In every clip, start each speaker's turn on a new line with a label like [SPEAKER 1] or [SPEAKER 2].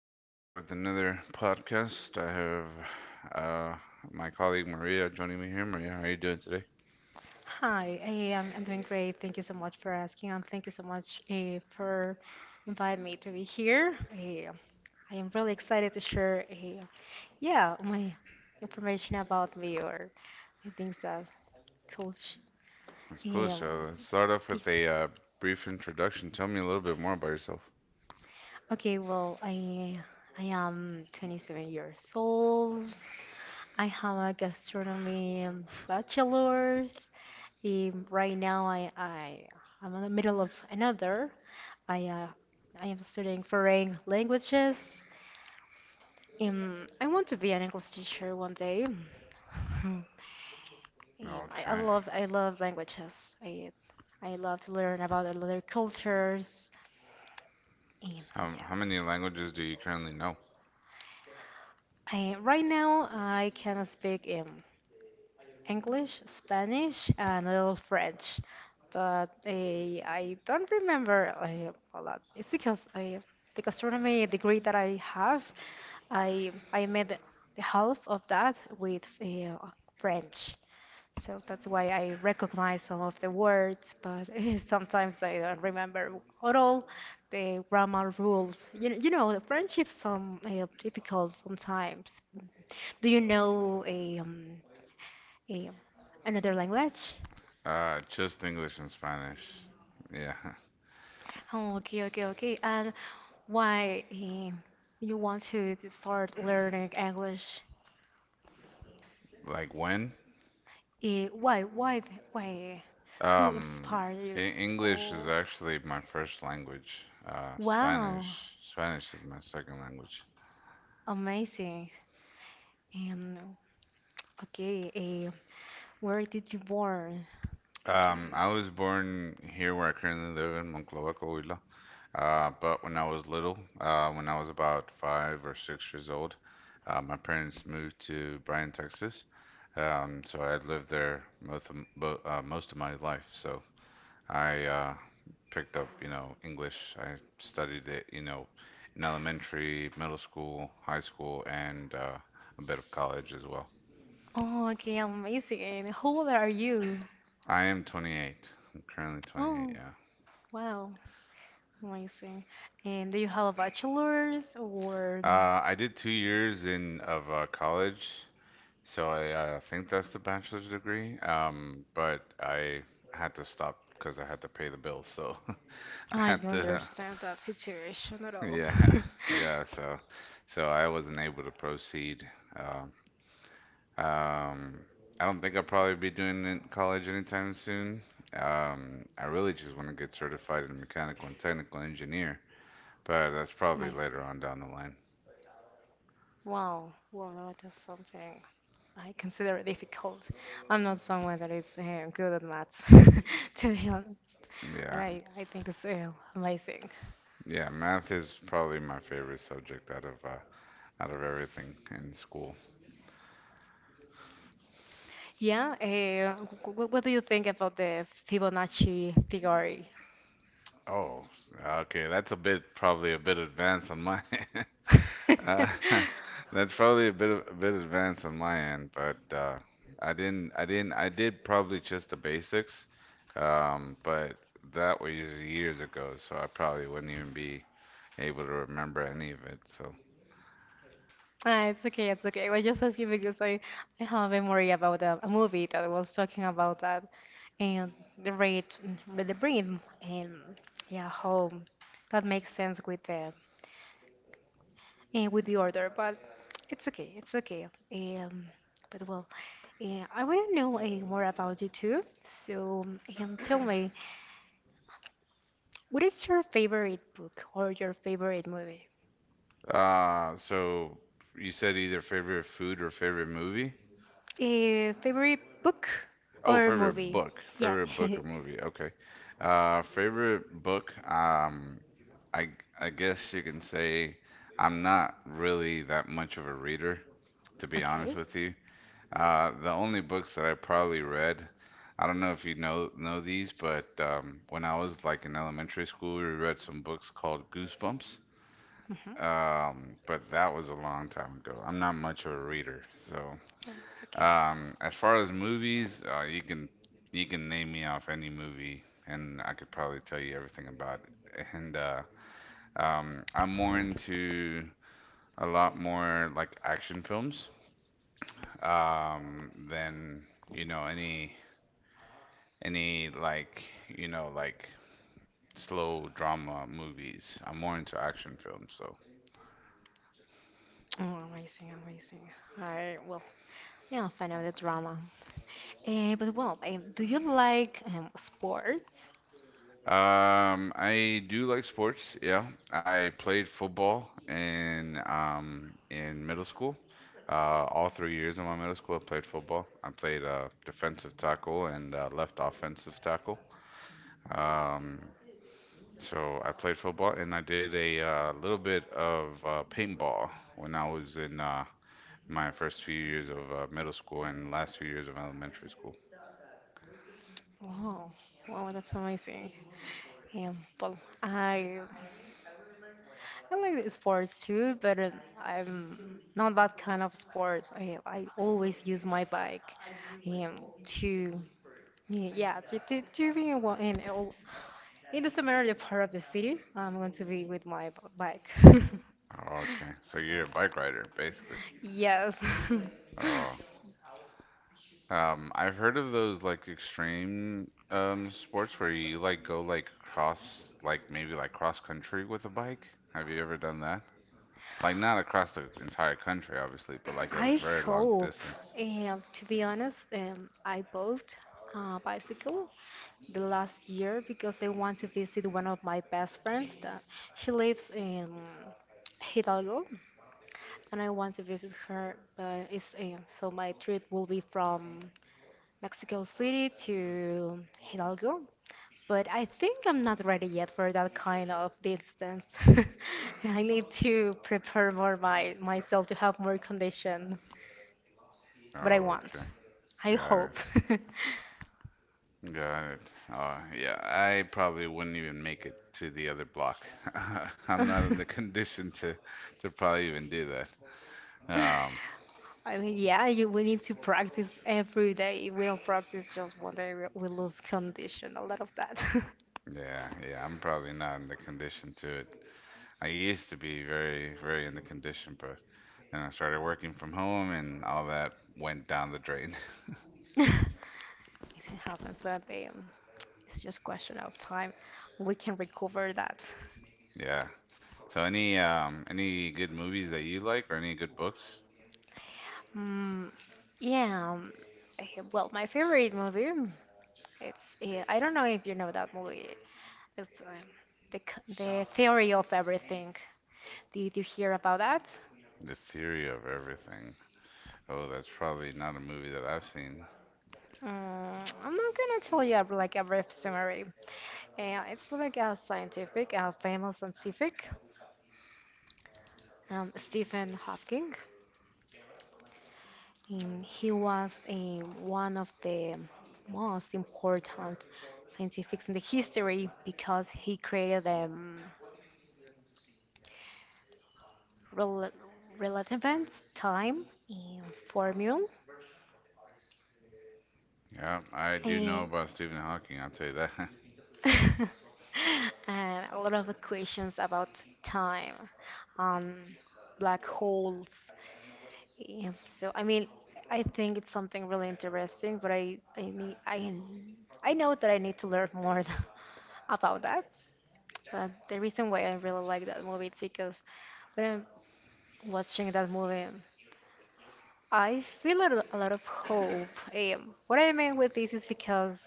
[SPEAKER 1] We're back with another podcast. I have uh, my colleague Maria joining me here. Maria, how are you doing today?
[SPEAKER 2] Hi, I'm doing great. Thank you so much for asking, and thank you so much for inviting me to be here. I am really excited to share, yeah, my information about me or things that could.
[SPEAKER 1] That's cool.
[SPEAKER 2] Um,
[SPEAKER 1] So let's start off
[SPEAKER 2] yeah.
[SPEAKER 1] with a brief introduction. Tell me a little bit more about yourself.
[SPEAKER 2] Okay, well, I am 27 years old. I have a gastronomy bachelor's. Right now, I'm in the middle of another. I uh, I am studying foreign languages. I want to be an English teacher one day.
[SPEAKER 1] Okay.
[SPEAKER 2] I love languages. I love to learn about other cultures. Um,
[SPEAKER 1] How
[SPEAKER 2] yeah.
[SPEAKER 1] many languages do you currently know?
[SPEAKER 2] I right now I can speak English, Spanish, and a little French. But I don't remember a lot. It's because the gastronomy degree that I have, I made the half of that with French. So that's why I recognize some of the words, but sometimes I don't remember at all the grammar rules. You know, the French is some difficult sometimes. Do you know eh, another language?
[SPEAKER 1] Just English and Spanish. Yeah.
[SPEAKER 2] Oh, okay, okay, okay. And why you want to start learning English?
[SPEAKER 1] Like when?
[SPEAKER 2] Why? Who
[SPEAKER 1] Um,
[SPEAKER 2] inspired you?
[SPEAKER 1] English is
[SPEAKER 2] Oh,
[SPEAKER 1] actually my first language.
[SPEAKER 2] wow,
[SPEAKER 1] Spanish is my second language.
[SPEAKER 2] amazing. And okay, where did you born?
[SPEAKER 1] I was born here where I currently live in Monclova, Coahuila. But when I was little, when I was about 5 or 6 years old, my parents moved to Bryan, Texas. So I had lived there most of, most of my life. So I picked up, you know, English. I studied it, you know, in elementary, middle school, high school, and a bit of college as well.
[SPEAKER 2] Oh, okay, amazing. And how old are you?
[SPEAKER 1] I am 28. I'm currently 28,
[SPEAKER 2] Oh,
[SPEAKER 1] yeah.
[SPEAKER 2] wow, amazing. And do you have a bachelor's or?
[SPEAKER 1] I did 2 years in of college, so I think that's the bachelor's degree. But I had to stop because I had to pay the bills. So I
[SPEAKER 2] I
[SPEAKER 1] had
[SPEAKER 2] don't
[SPEAKER 1] to,
[SPEAKER 2] understand that situation at all.
[SPEAKER 1] yeah, yeah. So I wasn't able to proceed. Um, um, I don't think I'll probably be doing it in college anytime soon. I really just want to get certified in mechanical and technical engineer, but that's probably later
[SPEAKER 2] Amazing.
[SPEAKER 1] on down the line.
[SPEAKER 2] Wow. Well, no, that's something I consider it difficult. I'm not someone that is good at maths, to be honest, but
[SPEAKER 1] Yeah.
[SPEAKER 2] I think it's amazing.
[SPEAKER 1] Yeah, math is probably my favorite subject out of everything in school.
[SPEAKER 2] Yeah, what do you think about the Fibonacci theory?
[SPEAKER 1] Oh, okay, that's a bit probably a bit advanced on my uh, that's probably a bit advanced on my end, but I didn't I didn't I did probably just the basics, but that was years ago, so I probably wouldn't even be able to remember any of it. So,
[SPEAKER 2] Ah, it's okay, it's okay. I was just asking because I have a memory about a movie that was talking about that and the rate, the brain, and yeah, how that makes sense with the and with the order. But it's okay, it's okay. But well, I want to know more about you too. So tell me, what is your favorite book or your favorite movie?
[SPEAKER 1] so you said either favorite food or favorite movie?
[SPEAKER 2] A favorite book
[SPEAKER 1] Oh,
[SPEAKER 2] or
[SPEAKER 1] favorite
[SPEAKER 2] movie?
[SPEAKER 1] book.
[SPEAKER 2] Yeah.
[SPEAKER 1] Favorite book or movie. Okay. Favorite book. I I guess you can say I'm not really that much of a reader, to be honest
[SPEAKER 2] Okay.
[SPEAKER 1] with you. The only books that I probably read, I don't know if you know these, but when I was like in elementary school, we read some books called Goosebumps.
[SPEAKER 2] Mm-hmm.
[SPEAKER 1] But that was a long time ago. I'm not much of a reader, so
[SPEAKER 2] It's okay.
[SPEAKER 1] as far as movies, you can name me off any movie, and I could probably tell you everything about it. And I'm more into a lot more like action films than you know any any like like slow drama movies. I'm more into action films, so
[SPEAKER 2] Oh, amazing, amazing. I well, yeah, I'll find out the drama. But well, do you like sports?
[SPEAKER 1] I do like sports. Yeah, I played football in middle school. All 3 years of my middle school, I played football. I played defensive tackle and left offensive tackle. Um, so I played football and I did a little bit of paintball when I was in my first few years of middle school and last few years of elementary school.
[SPEAKER 2] Wow, wow, that's amazing. Well, I like sports too, but I'm not that kind of sports. I always use my bike to yeah, yeah, to be in, in the Samaria part of the city, I'm going to be with my bike.
[SPEAKER 1] Oh, okay, so you're a bike rider, basically.
[SPEAKER 2] Yes.
[SPEAKER 1] Oh, I've heard of those like extreme sports where you like go like cross like maybe like cross country with a bike. Have you ever done that? Like not across the entire country, obviously, but like a
[SPEAKER 2] I
[SPEAKER 1] very long
[SPEAKER 2] hope.
[SPEAKER 1] distance.
[SPEAKER 2] To be honest, I bought a bicycle the last year because I want to visit one of my best friends that she lives in Hidalgo, and I want to visit her, but it's so my trip will be from Mexico City to Hidalgo, but I think I'm not ready yet for that kind of distance. I need to prepare more my myself to have more condition, but I
[SPEAKER 1] Oh,
[SPEAKER 2] want.
[SPEAKER 1] okay.
[SPEAKER 2] I
[SPEAKER 1] Got it.
[SPEAKER 2] hope.
[SPEAKER 1] Got it. Yeah, I probably wouldn't even make it to the other block. I'm not in the condition to probably even do that.
[SPEAKER 2] one of
[SPEAKER 1] Um,
[SPEAKER 2] I mean, yeah, we need to pop practice culture every day. If we don't practice just one day, we lose condition, a lot of that.
[SPEAKER 1] yeah, yeah, I'm probably not in the condition to it. I used to be very, very in the condition, but then I started working from home and all that went down the drain.
[SPEAKER 2] It happens, but as it's just question of time. We can recover that.
[SPEAKER 1] Yeah. So any good movies that you like or any good books?
[SPEAKER 2] Hmm. Yeah. Eh, Well, my favorite movie, it's I don't know if you know that movie. It's the Theory of Everything. Did you hear about that?
[SPEAKER 1] The Theory of Everything. Oh, that's probably not a movie that I've seen.
[SPEAKER 2] Mm, I'm not gonna tell you a like a brief summary. It's like a scientific, a famous scientific, Stephen Hawking. He was a one of the most important scientifics in the history because he created them rel- relevant time in formula.
[SPEAKER 1] Yeah, I do know
[SPEAKER 2] And
[SPEAKER 1] about Stephen Hawking, I'll tell you that.
[SPEAKER 2] and a lot of questions about time, um, black holes. Yeah. So I mean, I think it's something really interesting, but I know that I need to learn more about that. But the reason why I really like that movie is because when I'm watching that movie, I feel a lot of hope. What I mean with this is because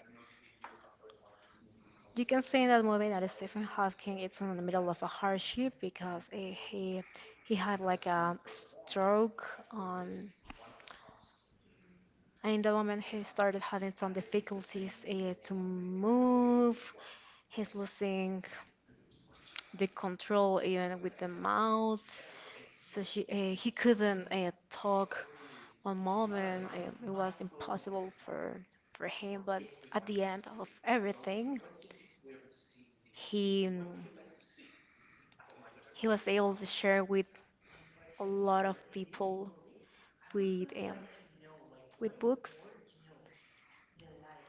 [SPEAKER 2] you can see in that movie that Stephen Hawking is in the middle of a hardship because he he had like a stroke. Um, and in the moment he started having some difficulties to move. He's losing the control even with the mouth. So he couldn't talk one moment. It was impossible for him. But at the end of everything, he mm, he was able to share with a lot of people with um, with books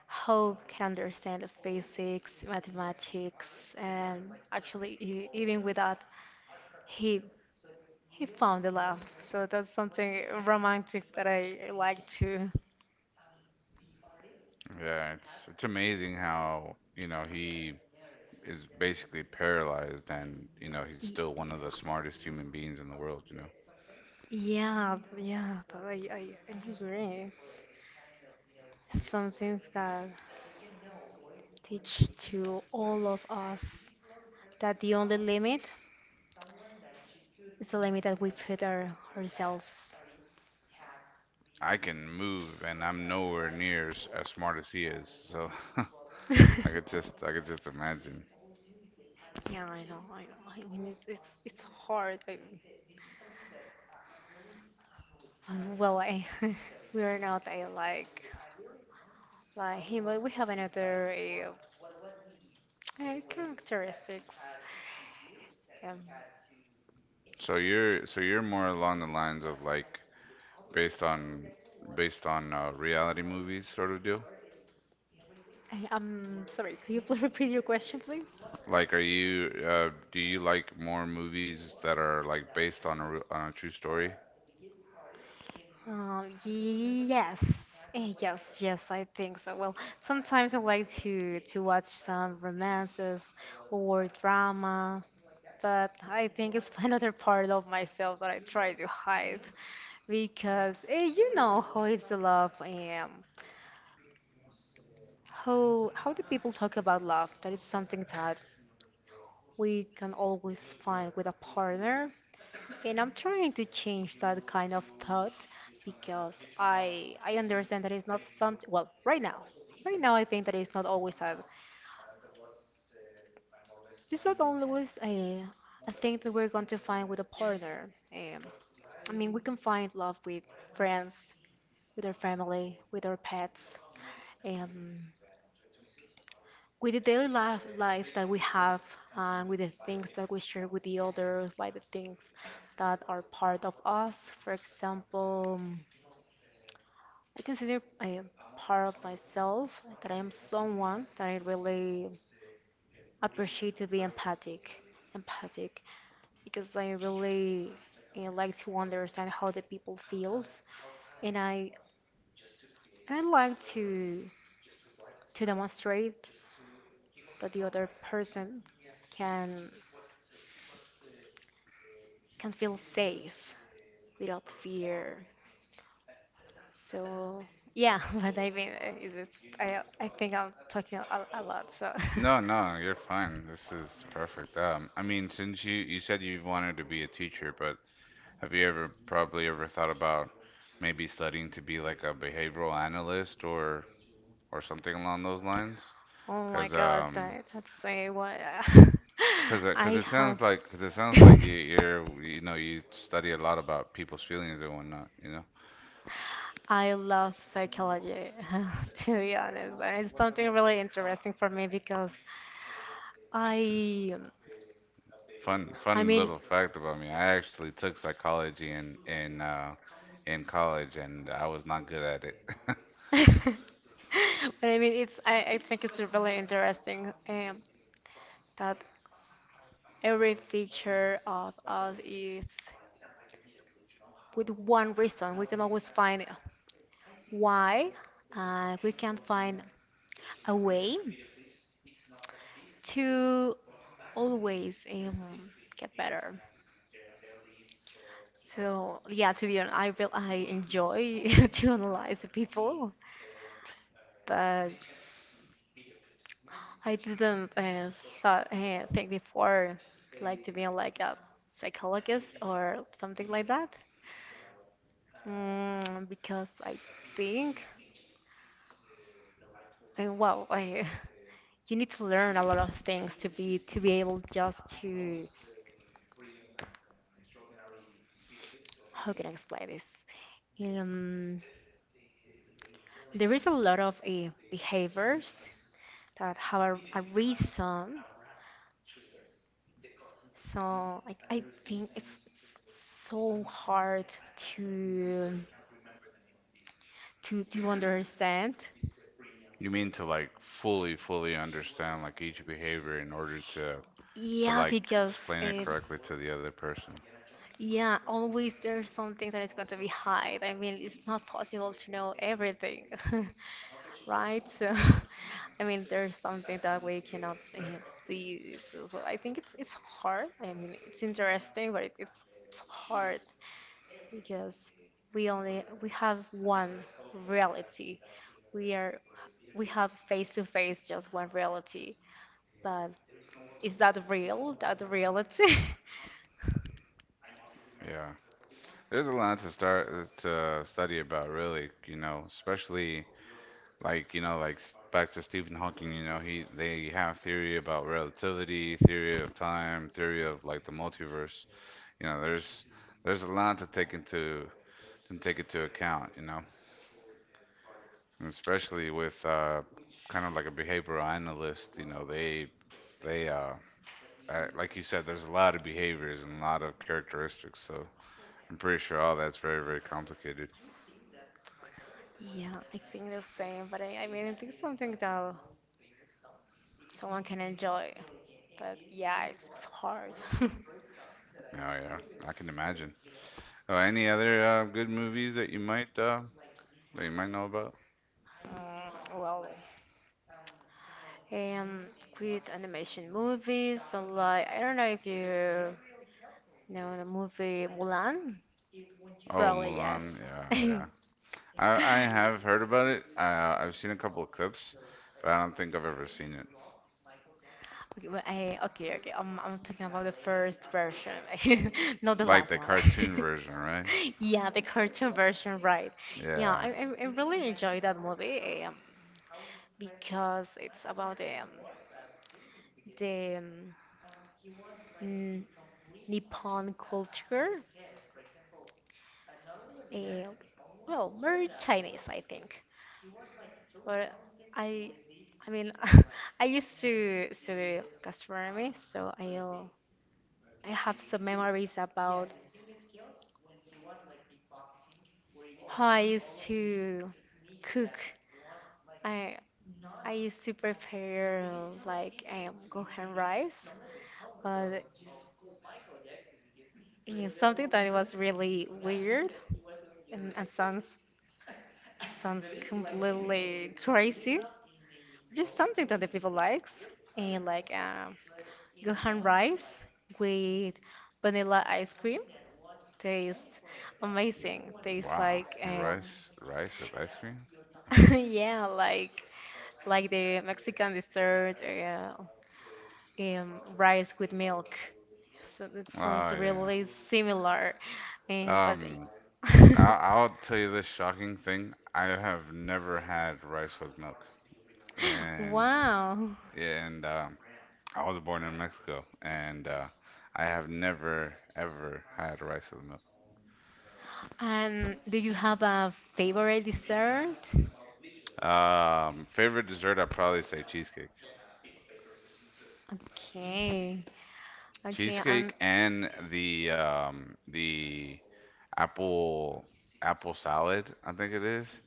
[SPEAKER 2] how can understand the physics, mathematics, and actually even with that, he he found the love. So that's something romantic that I like to.
[SPEAKER 1] Yeah, it's amazing how, you know, he is basically paralyzed and, you know, he's still one of the smartest human beings in the world, you know.
[SPEAKER 2] Yeah, yeah, but I agree. It's something that teach to all of us that the only limit is the limit that we put ourselves.
[SPEAKER 1] I can move and I'm nowhere near as smart as he is. So I I could just imagine.
[SPEAKER 2] Yeah, I know, I know. I mean, it's hard. I, well, I we are not a like him, but we have another uh, characteristics. Um,
[SPEAKER 1] So you're more along the lines of like based on based on reality movies sort of deal.
[SPEAKER 2] I'm sorry, could you please repeat your question, please?
[SPEAKER 1] Like, are you do you like more movies that are like based on on a true story?
[SPEAKER 2] Yes. Yes, yes, I think so. Well, sometimes I like to watch some romances or drama, but I think it's another part of myself that I try to hide because you know how is the love, how do people talk about love? That it's something that we can always find with a partner, and I'm trying to change that kind of thought because I understand that it's not something. Well, right now I think that it's not always that. It's not always a thing that we're going to find with a partner. I mean, we can find love with friends, with our family, with our pets, um, with the daily life that we have, and with the things that we share with the others, like the things that are part of us. For example. I consider I am part of myself, that I am someone that I really appreciate to be empathic, empathic, because I really like to understand how the people feels, and I like to demonstrate that the other person can can feel safe without fear. So yeah, but I mean, it's, I think I'm talking a lot, so.
[SPEAKER 1] No, no, you're fine. This is perfect. I mean, since you said you've wanted to be a teacher, but have you ever probably ever thought about maybe studying to be like a behavioral analyst or something along those lines?
[SPEAKER 2] Oh my
[SPEAKER 1] Because
[SPEAKER 2] God,
[SPEAKER 1] um,
[SPEAKER 2] that's say what
[SPEAKER 1] because
[SPEAKER 2] I
[SPEAKER 1] it
[SPEAKER 2] have.
[SPEAKER 1] sounds like you, you know you study a lot about people's feelings and whatnot. You know,
[SPEAKER 2] I love psychology, to be honest, and it's something really interesting for me because I, I
[SPEAKER 1] fun
[SPEAKER 2] mean,
[SPEAKER 1] little fact about me. I actually took psychology in college and I was not good at it.
[SPEAKER 2] but I mean, I think it's really interesting that every feature of us is with one reason. We can always find why, and we can find a way to always get better. So yeah, to be honest, I feel I enjoy to analyze the people, but I didn't think before, like to be like a psychologist or something like that, because I think, and well, you need to learn a lot of things to be able just to. How can I explain this? Um, There is a lot of behaviors that have a reason. So I think it's so hard to to understand.
[SPEAKER 1] You mean to like fully understand like each behavior in order to
[SPEAKER 2] Yeah,
[SPEAKER 1] like
[SPEAKER 2] because
[SPEAKER 1] explain it
[SPEAKER 2] uh,
[SPEAKER 1] correctly to the other person.
[SPEAKER 2] yeah, always there's something that is going to be hide. I mean, it's not possible to know everything, right? So, I mean, there's something that we cannot see. So, I think it's hard. I mean, it's interesting, but it's hard because we have one reality. We are we have face to face just one reality. But is that real? That reality?
[SPEAKER 1] Yeah, there's a lot to start to study about, really, you know, especially like, you know, like back to Stephen Hawking, you know, he they have theory about relativity, theory of time, theory of like the multiverse. You know, there's a lot to take into account, you know, and especially with kind of like a behavioral analyst, you know, they like you said, there's a lot of behaviors and a lot of characteristics, so I'm pretty sure all that's very, very complicated.
[SPEAKER 2] Yeah, I think the same, but I mean, I think something that someone can enjoy. But yeah, it's hard.
[SPEAKER 1] Oh yeah, I can imagine. Oh, any other good movies that you might know about?
[SPEAKER 2] Mm, well, um, with animation movies, so like, I don't know if you no, the movie Mulan?
[SPEAKER 1] Oh,
[SPEAKER 2] Probably
[SPEAKER 1] Mulan.
[SPEAKER 2] yes.
[SPEAKER 1] Yeah, yeah. I have heard about it. I've seen a couple of clips, but I don't think I've ever seen it.
[SPEAKER 2] Okay, well, okay, okay. I'm talking about the first version, not the
[SPEAKER 1] Like
[SPEAKER 2] last
[SPEAKER 1] the
[SPEAKER 2] one.
[SPEAKER 1] cartoon version, right?
[SPEAKER 2] Yeah, the cartoon version, right. Yeah, I,
[SPEAKER 1] Yeah.
[SPEAKER 2] I, I really enjoy that movie because it's about the the um, n- Nippon culture. Uh, well, very Chinese, I think. But I, I mean, I used to study gastronomy, so I have some memories about how I used to cook. I I used to prepare like gohan rice, but yeah, something that was really weird and sounds completely crazy. Just something that the people likes and like gohan rice with vanilla ice cream. Tastes amazing. Tastes
[SPEAKER 1] Wow.
[SPEAKER 2] like
[SPEAKER 1] Rice with ice cream.
[SPEAKER 2] yeah, like the Mexican dessert, rice with milk. So it
[SPEAKER 1] Oh
[SPEAKER 2] sounds
[SPEAKER 1] yeah.
[SPEAKER 2] really similar, but.
[SPEAKER 1] Um, I'll tell you this shocking thing. I have never had rice with milk, and
[SPEAKER 2] Wow.
[SPEAKER 1] and I was born in Mexico, and I have never ever had rice with milk.
[SPEAKER 2] And do you have a favorite dessert?
[SPEAKER 1] Favorite dessert, I'd probably say cheesecake.
[SPEAKER 2] Okay. Okay, I'm
[SPEAKER 1] Cheesecake and the apple apple salad, I think it is.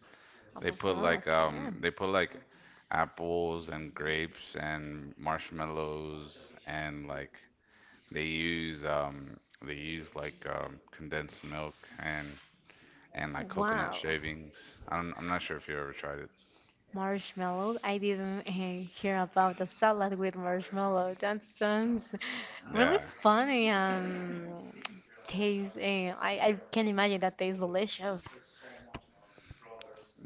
[SPEAKER 2] apple salad. Okay.
[SPEAKER 1] They put like apples and grapes and marshmallows and like they use um they use like condensed milk and and like coconut
[SPEAKER 2] Wow.
[SPEAKER 1] shavings. I'm not sure if you ever tried it.
[SPEAKER 2] Marshmallow. I didn't hear about the salad with marshmallow. That sounds really
[SPEAKER 1] Yeah,
[SPEAKER 2] funny and taste. I can imagine that tastes delicious.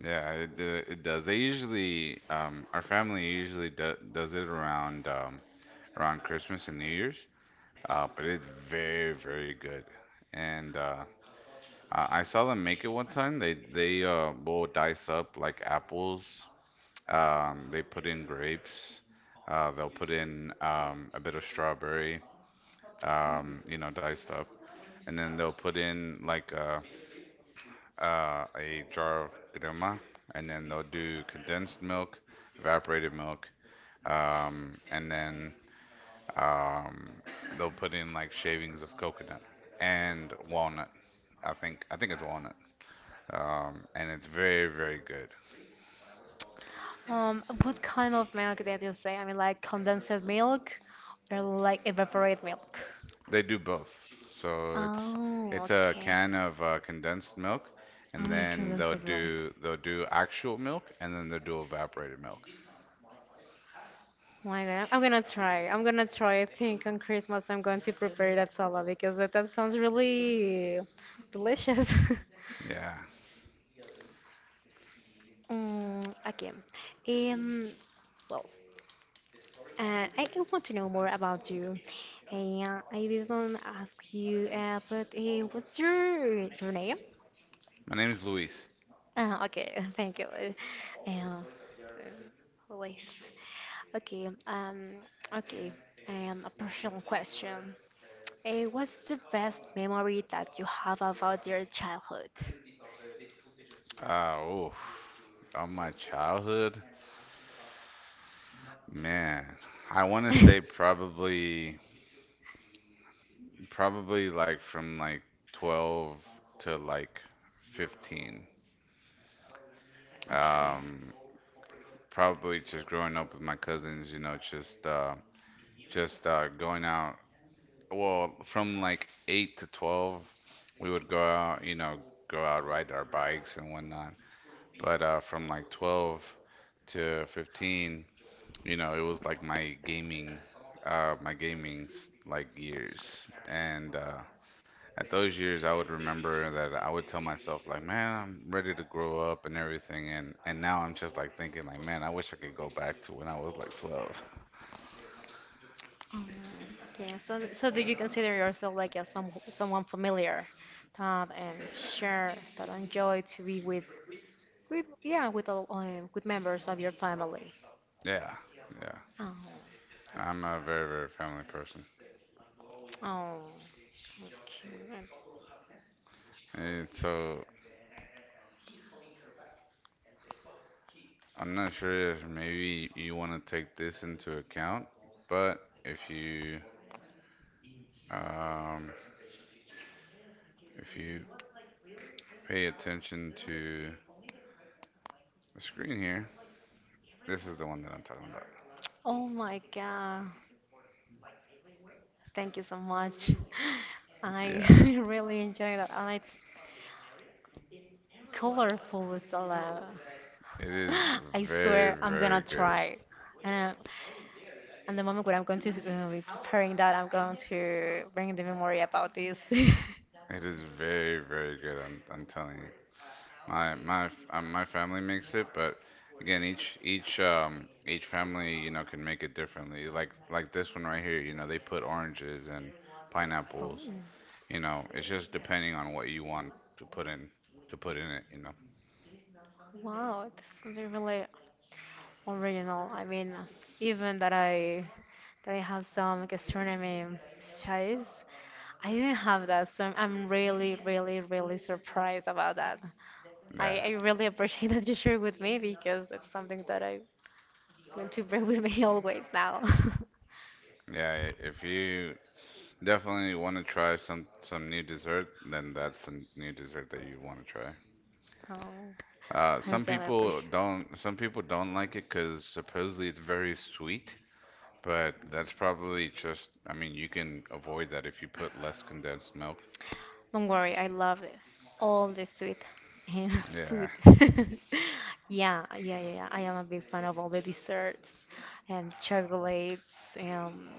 [SPEAKER 1] yeah, it it does. They usually our family usually does it around around Christmas and New Year's. But it's very very good. And I saw them make it one time. They will dice up like apples. They put in grapes. They'll put in a bit of strawberry. You know, diced up and then they'll put in like a jar of granola, and then they'll do condensed milk, evaporated milk, and then um, they'll put in like shavings of coconut and walnut. I think it's walnut, and it's very very good.
[SPEAKER 2] What kind of milk did you say? I mean, like condensed milk or like evaporated milk?
[SPEAKER 1] They do both, so
[SPEAKER 2] Oh,
[SPEAKER 1] it's a
[SPEAKER 2] okay.
[SPEAKER 1] can of condensed milk, and
[SPEAKER 2] Mm,
[SPEAKER 1] then
[SPEAKER 2] condensable.
[SPEAKER 1] they'll do actual milk, and then they'll do evaporated milk.
[SPEAKER 2] Oh my God, I'm gonna try. I'm gonna try. I think on Christmas I'm going to prepare that salad because that sounds really delicious.
[SPEAKER 1] Yeah,
[SPEAKER 2] Mm, okay. Um, well, I want to know more about you. Uh, I didn't ask you, but what's your name?
[SPEAKER 1] my name is Luis.
[SPEAKER 2] Okay, thank you. Uh, uh, Always. Okay. Okay. A personal question. What's the best memory that you have about your childhood?
[SPEAKER 1] Uh, oh, on my childhood, man, I want to say probably, probably like from like 12 to like 15.
[SPEAKER 2] Okay.
[SPEAKER 1] Um, Probably just growing up with my cousins, you know, just going out. Well, from like 8 to 12, we would go out, you know, go out, ride our bikes and whatnot. But from like 12 to 15, you know, it was like my gaming's like years, and at those years, I would remember that I would tell myself like, man, I'm ready to grow up and everything, and now I'm just like thinking like, man, I wish I could go back to when I was like 12.
[SPEAKER 2] Mm, yeah. So do you consider yourself like a some someone familiar, that um share that enjoy to be with yeah with all with members of your family?
[SPEAKER 1] Yeah, yeah,
[SPEAKER 2] Oh, yes.
[SPEAKER 1] I'm a very very family person,
[SPEAKER 2] Oh, that's cute.
[SPEAKER 1] and so I'm not sure if maybe you want to take this into account, but um if you pay attention to the screen here, this is the one that I'm talking about.
[SPEAKER 2] Oh my God. Thank you so much. I
[SPEAKER 1] Yeah,
[SPEAKER 2] really enjoy that. And it's colorful, Zola.
[SPEAKER 1] it is
[SPEAKER 2] I
[SPEAKER 1] very,
[SPEAKER 2] swear I'm gonna
[SPEAKER 1] very good.
[SPEAKER 2] try. And, uh, and the moment when I'm going to be preparing that, I'm going to bring the memory about this.
[SPEAKER 1] It is very, very good. I'm telling you. My, my, my family makes it, but again, each family, you know, can make it differently. Like this one right here, you know, they put oranges and
[SPEAKER 2] Oh,
[SPEAKER 1] pineapples. You know, it's just depending on what you want to put in, to put in it. You know.
[SPEAKER 2] wow, that's something really original. I mean, even that I have some gastronomy studies, I didn't have that, so I'm really, really, really surprised about that. I,
[SPEAKER 1] Yeah,
[SPEAKER 2] I really appreciate that you share with me because it's something that I want to bring with me always now.
[SPEAKER 1] yeah. If you definitely want to try some new dessert, then that's the new dessert that you want to try.
[SPEAKER 2] Oh, I
[SPEAKER 1] Some
[SPEAKER 2] really
[SPEAKER 1] people
[SPEAKER 2] appreciate.
[SPEAKER 1] don't. Some people don't like it because supposedly it's very sweet. But that's probably just. I mean, you can avoid that if you put less condensed milk.
[SPEAKER 2] Don't worry, I love it. All the sweet. And
[SPEAKER 1] Yeah.
[SPEAKER 2] food. Yeah, yeah, yeah, yeah. I am a big fan of all the desserts and chocolates.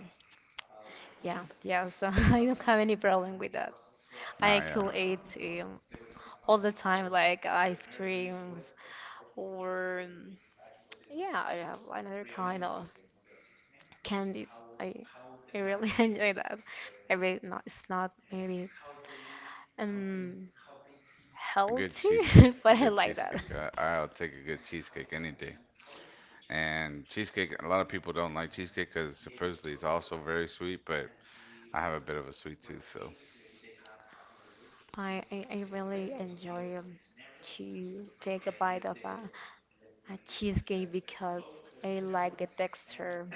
[SPEAKER 2] Yeah, yeah. So I don't have any problem with that. I
[SPEAKER 1] Ah, yeah.
[SPEAKER 2] could eat all the time, like ice creams or yeah, I have another kind of candies. I I really enjoy that. I really not. It's not maybe um
[SPEAKER 1] A good
[SPEAKER 2] healthy,
[SPEAKER 1] cheesecake. A
[SPEAKER 2] but I
[SPEAKER 1] good
[SPEAKER 2] like that.
[SPEAKER 1] cheesecake. I'll take a good cheesecake any day. And cheesecake. A lot of people don't like cheesecake because supposedly it's also very sweet. But I have a bit of a sweet tooth, so
[SPEAKER 2] I really enjoy to take a bite of a cheesecake because I like the texture.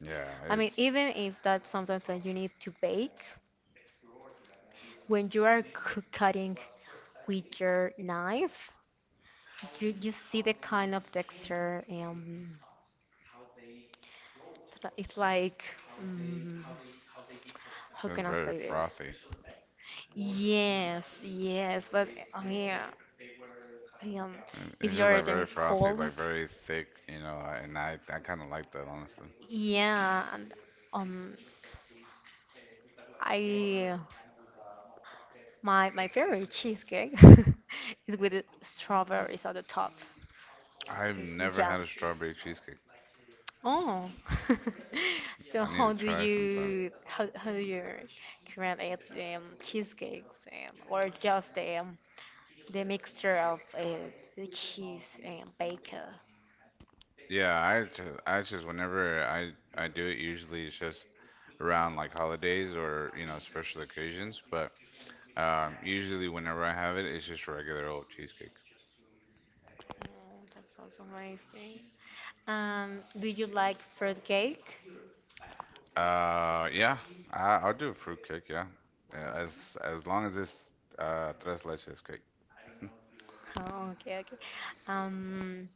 [SPEAKER 1] yeah,
[SPEAKER 2] I mean,
[SPEAKER 1] it's
[SPEAKER 2] even if that's something that you need to bake, when you are cutting with your knife, you see the kind of texture It's like, mm, how
[SPEAKER 1] just
[SPEAKER 2] can I
[SPEAKER 1] very
[SPEAKER 2] say this?
[SPEAKER 1] frothy.
[SPEAKER 2] Yes, yes, but I mean, if
[SPEAKER 1] It's just
[SPEAKER 2] you're
[SPEAKER 1] like very
[SPEAKER 2] eating
[SPEAKER 1] frothy,
[SPEAKER 2] cold,
[SPEAKER 1] like very thick, you know, and I kind of like that, honestly.
[SPEAKER 2] yeah, and um, I my my favorite cheesecake is with strawberries on the top
[SPEAKER 1] I've
[SPEAKER 2] and some
[SPEAKER 1] never had
[SPEAKER 2] jam.
[SPEAKER 1] a strawberry cheesecake.
[SPEAKER 2] Oh, so
[SPEAKER 1] I need to
[SPEAKER 2] how do
[SPEAKER 1] try sometime.
[SPEAKER 2] you how how do you create cheesecakes or just the mixture of the cheese and bacon.
[SPEAKER 1] Yeah, I just whenever I do it, usually it's just around like holidays or, you know, special occasions. But usually whenever I have it, it's just regular old cheesecake.
[SPEAKER 2] Mm, that sounds amazing. Do you like fruit cake?
[SPEAKER 1] Yeah, I'll do a fruit cake, yeah. Yeah, as long as it's tres leches cake.
[SPEAKER 2] Oh, okay, okay. Um,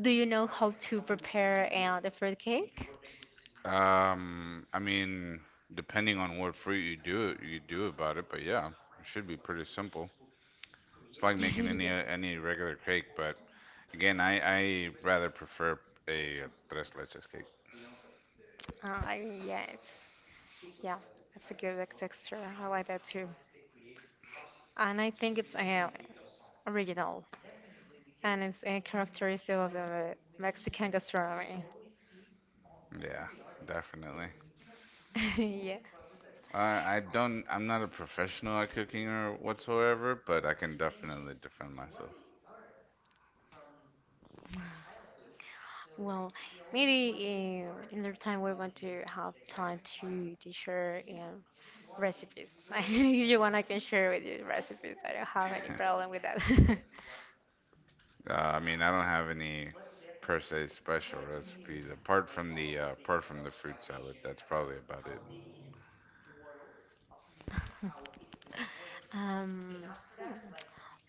[SPEAKER 2] do you know how to prepare the fruit cake?
[SPEAKER 1] I mean, depending on what fruit you do it, you do about it, but yeah, it should be pretty simple. It's like making any
[SPEAKER 2] yeah.
[SPEAKER 1] any regular cake, but again, I rather prefer a tres leches cake.
[SPEAKER 2] I mean, yeah, it's a good like, texture. I like that too, and I think it's original and it's a characteristic of the Mexican gastronomy.
[SPEAKER 1] Yeah, definitely.
[SPEAKER 2] yeah.
[SPEAKER 1] I'm not a professional at cooking or whatsoever, but I can definitely defend myself.
[SPEAKER 2] Well, maybe another time we're going to have time to share recipes. if you want, I can share with you recipes. I don't have any problem with that.
[SPEAKER 1] I mean, I don't have any per se special recipes apart from the fruit salad. That's probably about it.
[SPEAKER 2] um, hmm,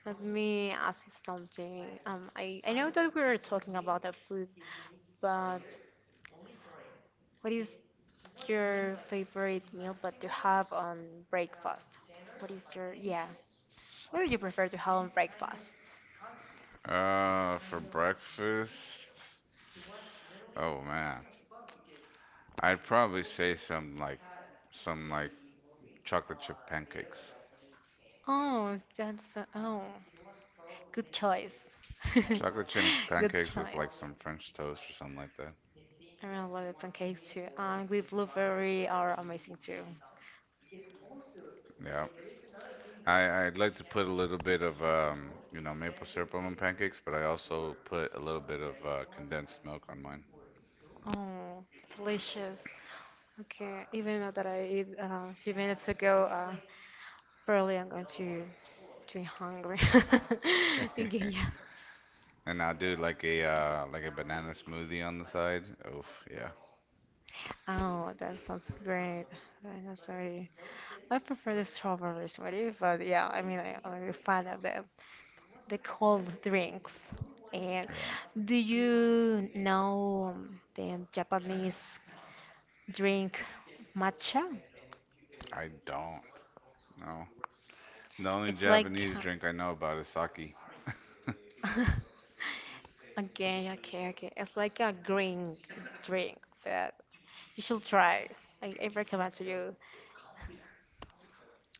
[SPEAKER 2] Let me ask you something. I know that we are talking about the food, but what is your favorite meal but to have on breakfast? What is yeah, what do you prefer to have on breakfast?
[SPEAKER 1] For breakfast, oh man, I'd probably say some like chocolate chip pancakes.
[SPEAKER 2] Oh, that's oh, good choice.
[SPEAKER 1] Chocolate chip
[SPEAKER 2] Good
[SPEAKER 1] pancakes with
[SPEAKER 2] choice.
[SPEAKER 1] like some French toast or something like that.
[SPEAKER 2] I really love the pancakes too, and with blueberry are amazing too.
[SPEAKER 1] Yeah. I'd like to put a little bit of you know, maple syrup on my pancakes, but I also put a little bit of condensed milk on mine.
[SPEAKER 2] Oh, delicious. Okay, even though that I eat a few minutes ago, probably I'm going to be hungry. Okay, yeah.
[SPEAKER 1] And I'll do like a banana smoothie on the side. Oof, yeah.
[SPEAKER 2] Oh, that sounds great. I'm not sorry. I prefer the strawberry smoothie, but yeah, I mean, I'm a fan of the cold drinks. And
[SPEAKER 1] Yeah.
[SPEAKER 2] do you know the Japanese drink matcha?
[SPEAKER 1] I don't. No. The only
[SPEAKER 2] It's like
[SPEAKER 1] Japanese drink I know about is sake.
[SPEAKER 2] okay, okay, okay. It's like a green drink that you should try. I recommend to you.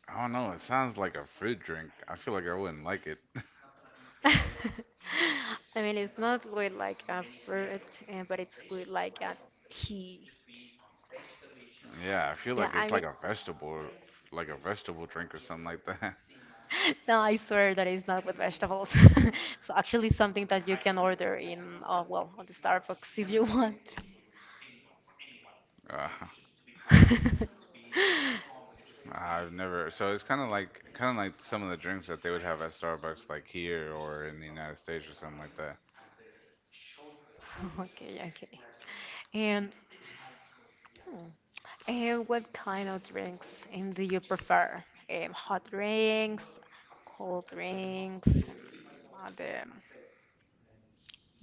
[SPEAKER 1] I don't know, it sounds like a fruit drink. I feel like I wouldn't like it.
[SPEAKER 2] I mean, it's not with like a fruit, but it's with like a tea.
[SPEAKER 1] Yeah, I feel
[SPEAKER 2] Yeah,
[SPEAKER 1] like
[SPEAKER 2] I
[SPEAKER 1] it's
[SPEAKER 2] mean,
[SPEAKER 1] like a vegetable drink or something like that.
[SPEAKER 2] no, I swear that it's not with vegetables. So actually, something that you can order in, well, on the Starbucks if you want.
[SPEAKER 1] Uh, I've never, so it's kind of like some of the drinks that they would have at Starbucks, like here or in the United States or something like that.
[SPEAKER 2] Okay, okay. And hmm, And what kind of drinks do you prefer? Hot drinks, cold drinks, at the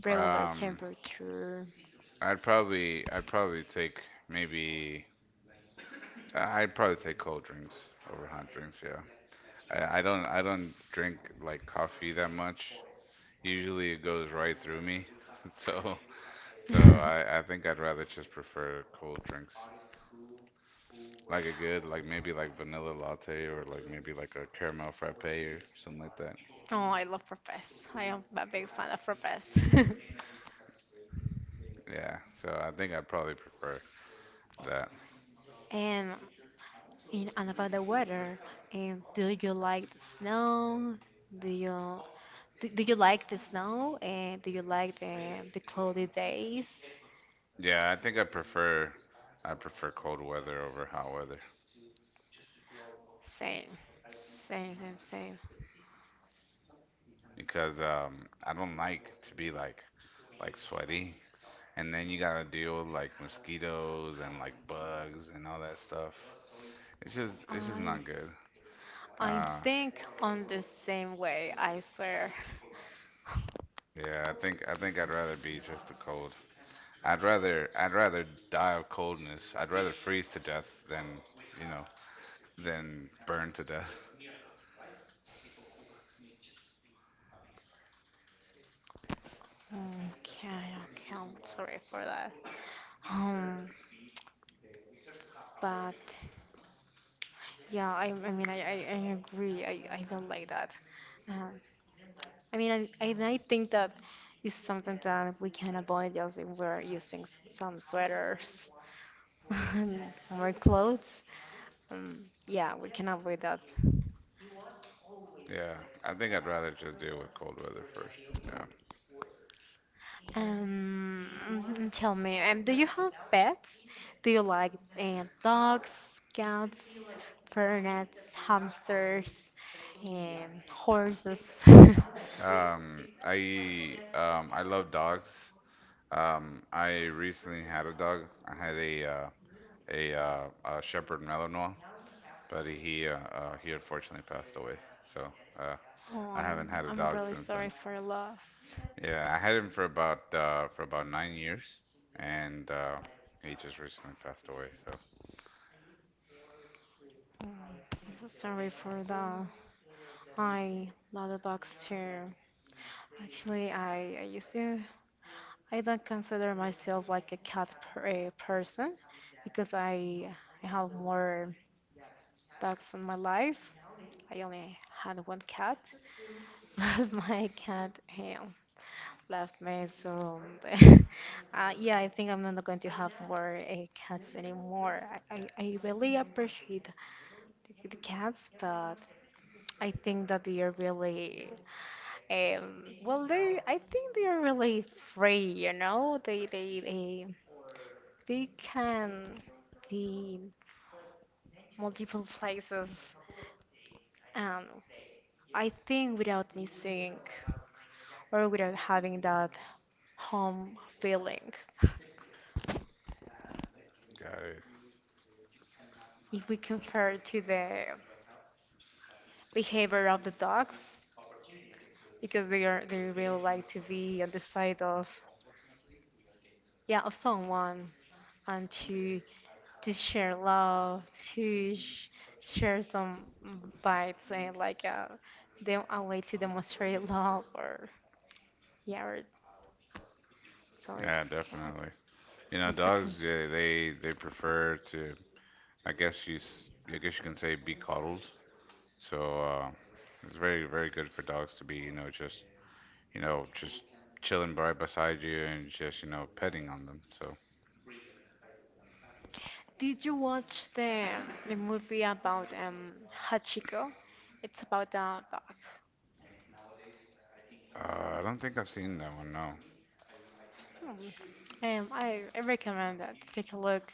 [SPEAKER 2] regular
[SPEAKER 1] Um,
[SPEAKER 2] temperature.
[SPEAKER 1] I'd probably take maybe, I'd probably take cold drinks over hot drinks. Yeah, I don't drink like coffee that much. Usually it goes right through me. So so I think I'd rather just prefer cold drinks. Like a good like maybe like vanilla latte or like maybe like a caramel frappe or something like that.
[SPEAKER 2] Oh, I love frappes. I am a big fan of frappes.
[SPEAKER 1] Yeah. So I think I'd probably prefer that.
[SPEAKER 2] And in and about the weather, and do you like the snow? Do you do you like the snow? And do you like the cloudy days?
[SPEAKER 1] Yeah, I think I prefer cold weather over hot weather
[SPEAKER 2] Same. Same, same, same.
[SPEAKER 1] because I don't like to be like sweaty and then you gotta deal with like mosquitoes and like bugs and all that stuff. It's just
[SPEAKER 2] I
[SPEAKER 1] not good.
[SPEAKER 2] I
[SPEAKER 1] Uh,
[SPEAKER 2] think on the same way, I swear.
[SPEAKER 1] yeah, I think I'd rather be just a cold. I'd rather die of coldness. I'd rather freeze to death than, you know, than burn to death.
[SPEAKER 2] Okay, okay, I'm sorry for that. Um, but yeah, I mean, I agree. I don't like that. Um, I mean, and I think that is something that we can avoid just if we're using some sweaters and more clothes. Um, yeah, we can avoid that.
[SPEAKER 1] Yeah, I think I'd rather just deal with cold weather first. Yeah.
[SPEAKER 2] Mhm, tell me, do you have pets? Do you like dogs, cats, ferrets, hamsters, and horses?
[SPEAKER 1] I love dogs. I recently had a dog. I had a a Shepherd Malinois, but he unfortunately passed away. So, uh
[SPEAKER 2] Oh,
[SPEAKER 1] I haven't
[SPEAKER 2] I'm,
[SPEAKER 1] had a
[SPEAKER 2] I'm
[SPEAKER 1] dog
[SPEAKER 2] really
[SPEAKER 1] since
[SPEAKER 2] sorry
[SPEAKER 1] then.
[SPEAKER 2] for your loss.
[SPEAKER 1] Yeah, I had him for about 9 years, and he just recently passed away. So,
[SPEAKER 2] Oh, I'm so sorry for that. I love the dogs too. Actually, I used to I don't consider myself like a cat person because I have more dogs in my life. I only had one cat, but my cat eh, left me, so yeah, I think I'm not going to have more cats anymore. I really appreciate the cats, but I think that they are really well, they I think they are really free, you know? They We can be multiple places, and I think without missing or without having that home feeling.
[SPEAKER 1] got it.
[SPEAKER 2] If we compare to the behavior of the dogs, because they really like to be on the side of yeah of someone and to share love, to sh share some bites and like them a way to demonstrate love or yeah, so
[SPEAKER 1] Yeah, definitely. You know,
[SPEAKER 2] it's okay.
[SPEAKER 1] dogs, yeah, they prefer to, I guess you can say be coddled. So, it's very very good for dogs to be, you know, just chilling right beside you and just you know petting on them. So,
[SPEAKER 2] Did you watch the movie about Hachiko? It's about a dog.
[SPEAKER 1] I don't think I've seen that one. No.
[SPEAKER 2] Hmm. I recommend that. Take a look,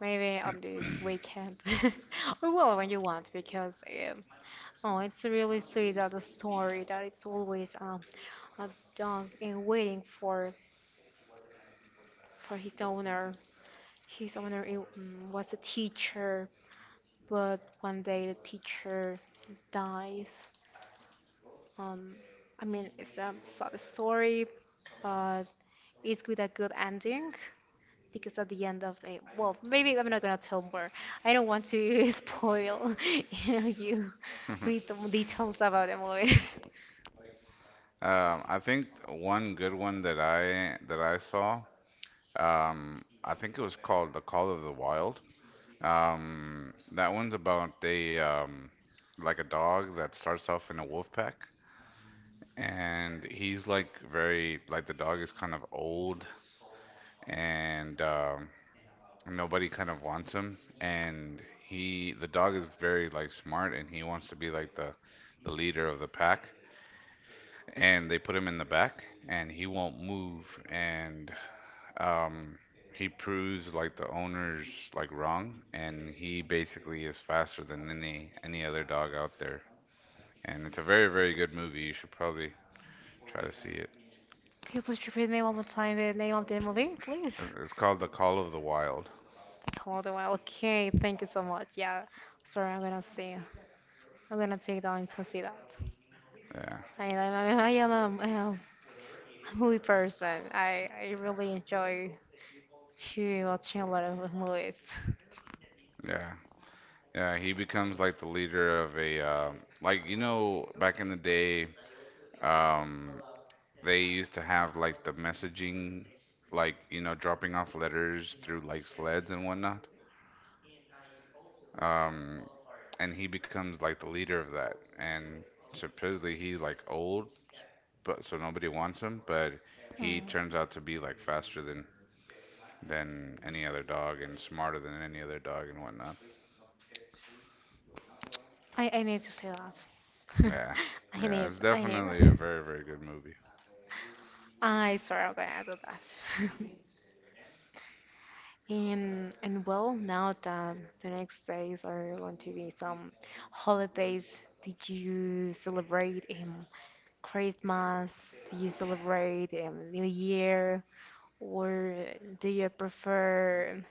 [SPEAKER 2] maybe on this weekend, or well, when you want, because um, oh, it's really sweet that the story that it's always a dog and waiting for his owner. His owner was a teacher, but one day the teacher dies. Um, I mean, it's a sad story, but it's with a good ending because at the end of it, well, maybe I'm not gonna tell more. I don't want to spoil you with the details about the movie.
[SPEAKER 1] I think one good one that I saw. I think it was called The Call of the Wild. That one's about a like a dog that starts off in a wolf pack, and he's like very like the dog is kind of old, and nobody kind of wants him, and he the dog is very like smart, and he wants to be like the leader of the pack, and they put him in the back, and he won't move, and Um, he proves like the owner's like wrong, and he basically is faster than any other dog out there. And it's a very very good movie. You should probably try to see it.
[SPEAKER 2] Can you please repeat me one more time the name of the movie, please?
[SPEAKER 1] It's called The Call of the Wild.
[SPEAKER 2] Hold on. Okay, thank you so much. Yeah, sorry, I'm gonna see. I'm gonna take that into see that.
[SPEAKER 1] Yeah,
[SPEAKER 2] I am Movie person. I really enjoy to watching a lot of movies.
[SPEAKER 1] yeah, yeah. He becomes like the leader of a like you know back in the day, um, they used to have like the messaging, like you know dropping off letters through like sleds and whatnot. Um, and he becomes like the leader of that. And supposedly he's like old, but so nobody wants him. But he
[SPEAKER 2] Hmm.
[SPEAKER 1] turns out to be like faster than any other dog and smarter than any other dog and whatnot.
[SPEAKER 2] I need to say that.
[SPEAKER 1] Yeah,
[SPEAKER 2] I
[SPEAKER 1] yeah,
[SPEAKER 2] need,
[SPEAKER 1] it's
[SPEAKER 2] I
[SPEAKER 1] definitely a
[SPEAKER 2] need.
[SPEAKER 1] very very good movie.
[SPEAKER 2] I swear I'm gonna do that. And well, now that the next days are going to be some holidays, did you celebrate Christmas? Did you celebrate New Year? Or do you prefer,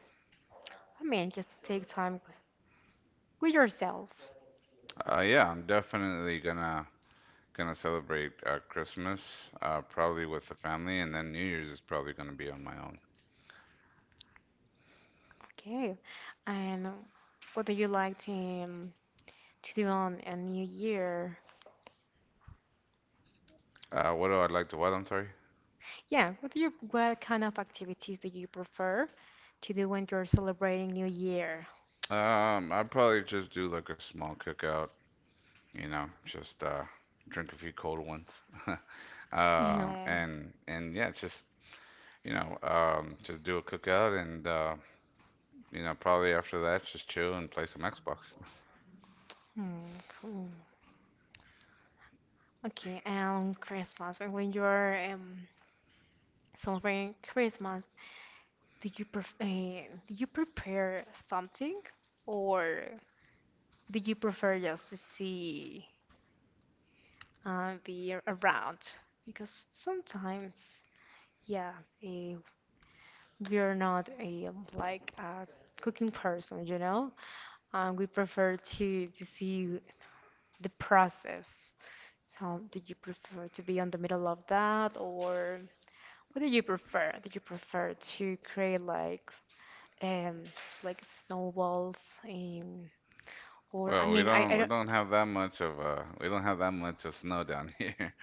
[SPEAKER 2] I mean, just to take time with yourself?
[SPEAKER 1] Yeah, I'm definitely gonna celebrate Christmas probably with the family, and then New Year's is probably gonna be on my own.
[SPEAKER 2] Okay. And what do you like to do on a new year?
[SPEAKER 1] What do I like to what? I'm sorry.
[SPEAKER 2] Yeah, what do you what kind of activities do you prefer to do when you're celebrating New Year?
[SPEAKER 1] I'd probably just do like a small cookout you know, just drink a few cold ones,
[SPEAKER 2] No.
[SPEAKER 1] and yeah, just you know, just do a cookout, and you know, probably after that, just chill and play some Xbox.
[SPEAKER 2] Hmm. Hmm. Cool. Okay, and Christmas. And when you're celebrating Christmas, do you pref uh, do you prepare something or do you prefer just to see be around? Because sometimes, yeah, uh, we're not a like a cooking person, you know? We prefer to see the process. So, did you prefer to be on the middle of that, or what do you prefer? Did you prefer to create um like snowballs or I
[SPEAKER 1] Well, we
[SPEAKER 2] mean
[SPEAKER 1] don't we
[SPEAKER 2] I
[SPEAKER 1] don't have that much of snow down here.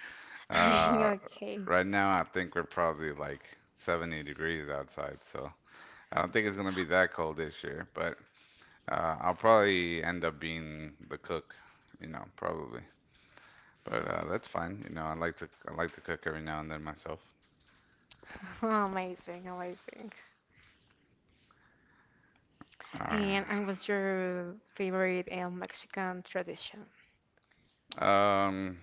[SPEAKER 2] I don't
[SPEAKER 1] Uh,
[SPEAKER 2] okay.
[SPEAKER 1] right now, I think we're probably like 70 degrees outside, so I don't think it's gonna be that cold this year. But I'll probably end up being the cook, you know, probably. But that's fine. You know, I like to cook every now and then myself.
[SPEAKER 2] Amazing, amazing.
[SPEAKER 1] Uh,
[SPEAKER 2] And what's your favorite Mexican tradition?
[SPEAKER 1] um,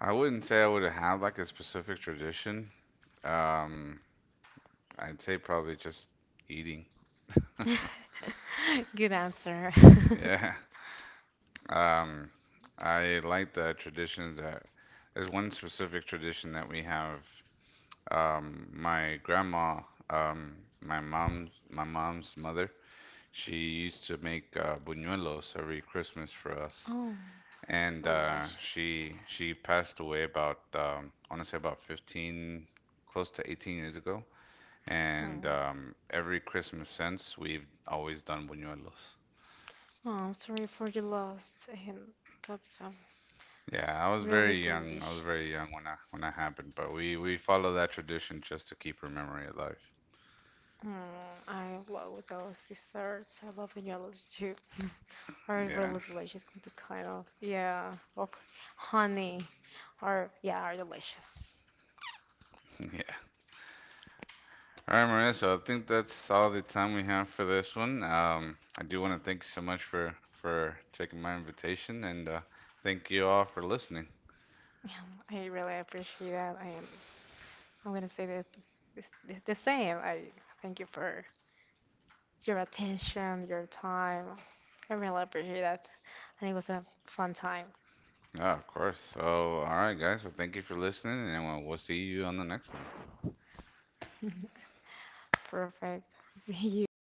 [SPEAKER 1] I wouldn't say I would have like a specific tradition. Um, I'd say probably just eating.
[SPEAKER 2] Good answer.
[SPEAKER 1] Yeah. Um, I like the traditions that there's one specific tradition that we have. My grandma, um, my mom's mother, she used to make buñuelos every Christmas for us.
[SPEAKER 2] Oh,
[SPEAKER 1] And
[SPEAKER 2] so delicious.
[SPEAKER 1] she passed away about I want to say about 15, close to 18 years ago.
[SPEAKER 2] Oh,
[SPEAKER 1] And every Christmas since, we've always done buñuelos.
[SPEAKER 2] oh, I'm sorry for the loss, and that's
[SPEAKER 1] Yeah, I was
[SPEAKER 2] really
[SPEAKER 1] very young. I was very
[SPEAKER 2] delicious.
[SPEAKER 1] young when that happened, but we follow that tradition just to keep her memory alive.
[SPEAKER 2] Mm, I love those desserts. I love vanillas too. Are
[SPEAKER 1] Yeah,
[SPEAKER 2] really delicious. Could be kind of yeah, of honey, or yeah, are delicious.
[SPEAKER 1] yeah. All right, Maria. So I think that's all the time we have for this one. I do want to thank you so much for taking my invitation, and thank you all for listening.
[SPEAKER 2] Yeah, I really appreciate that, and I'm gonna say that the same. I thank you for your attention, your time. I really appreciate that. And it was a fun time.
[SPEAKER 1] Yeah, of course. So, all right, guys. Well, thank you for listening, and we'll see you on the next one.
[SPEAKER 2] Perfect. See you.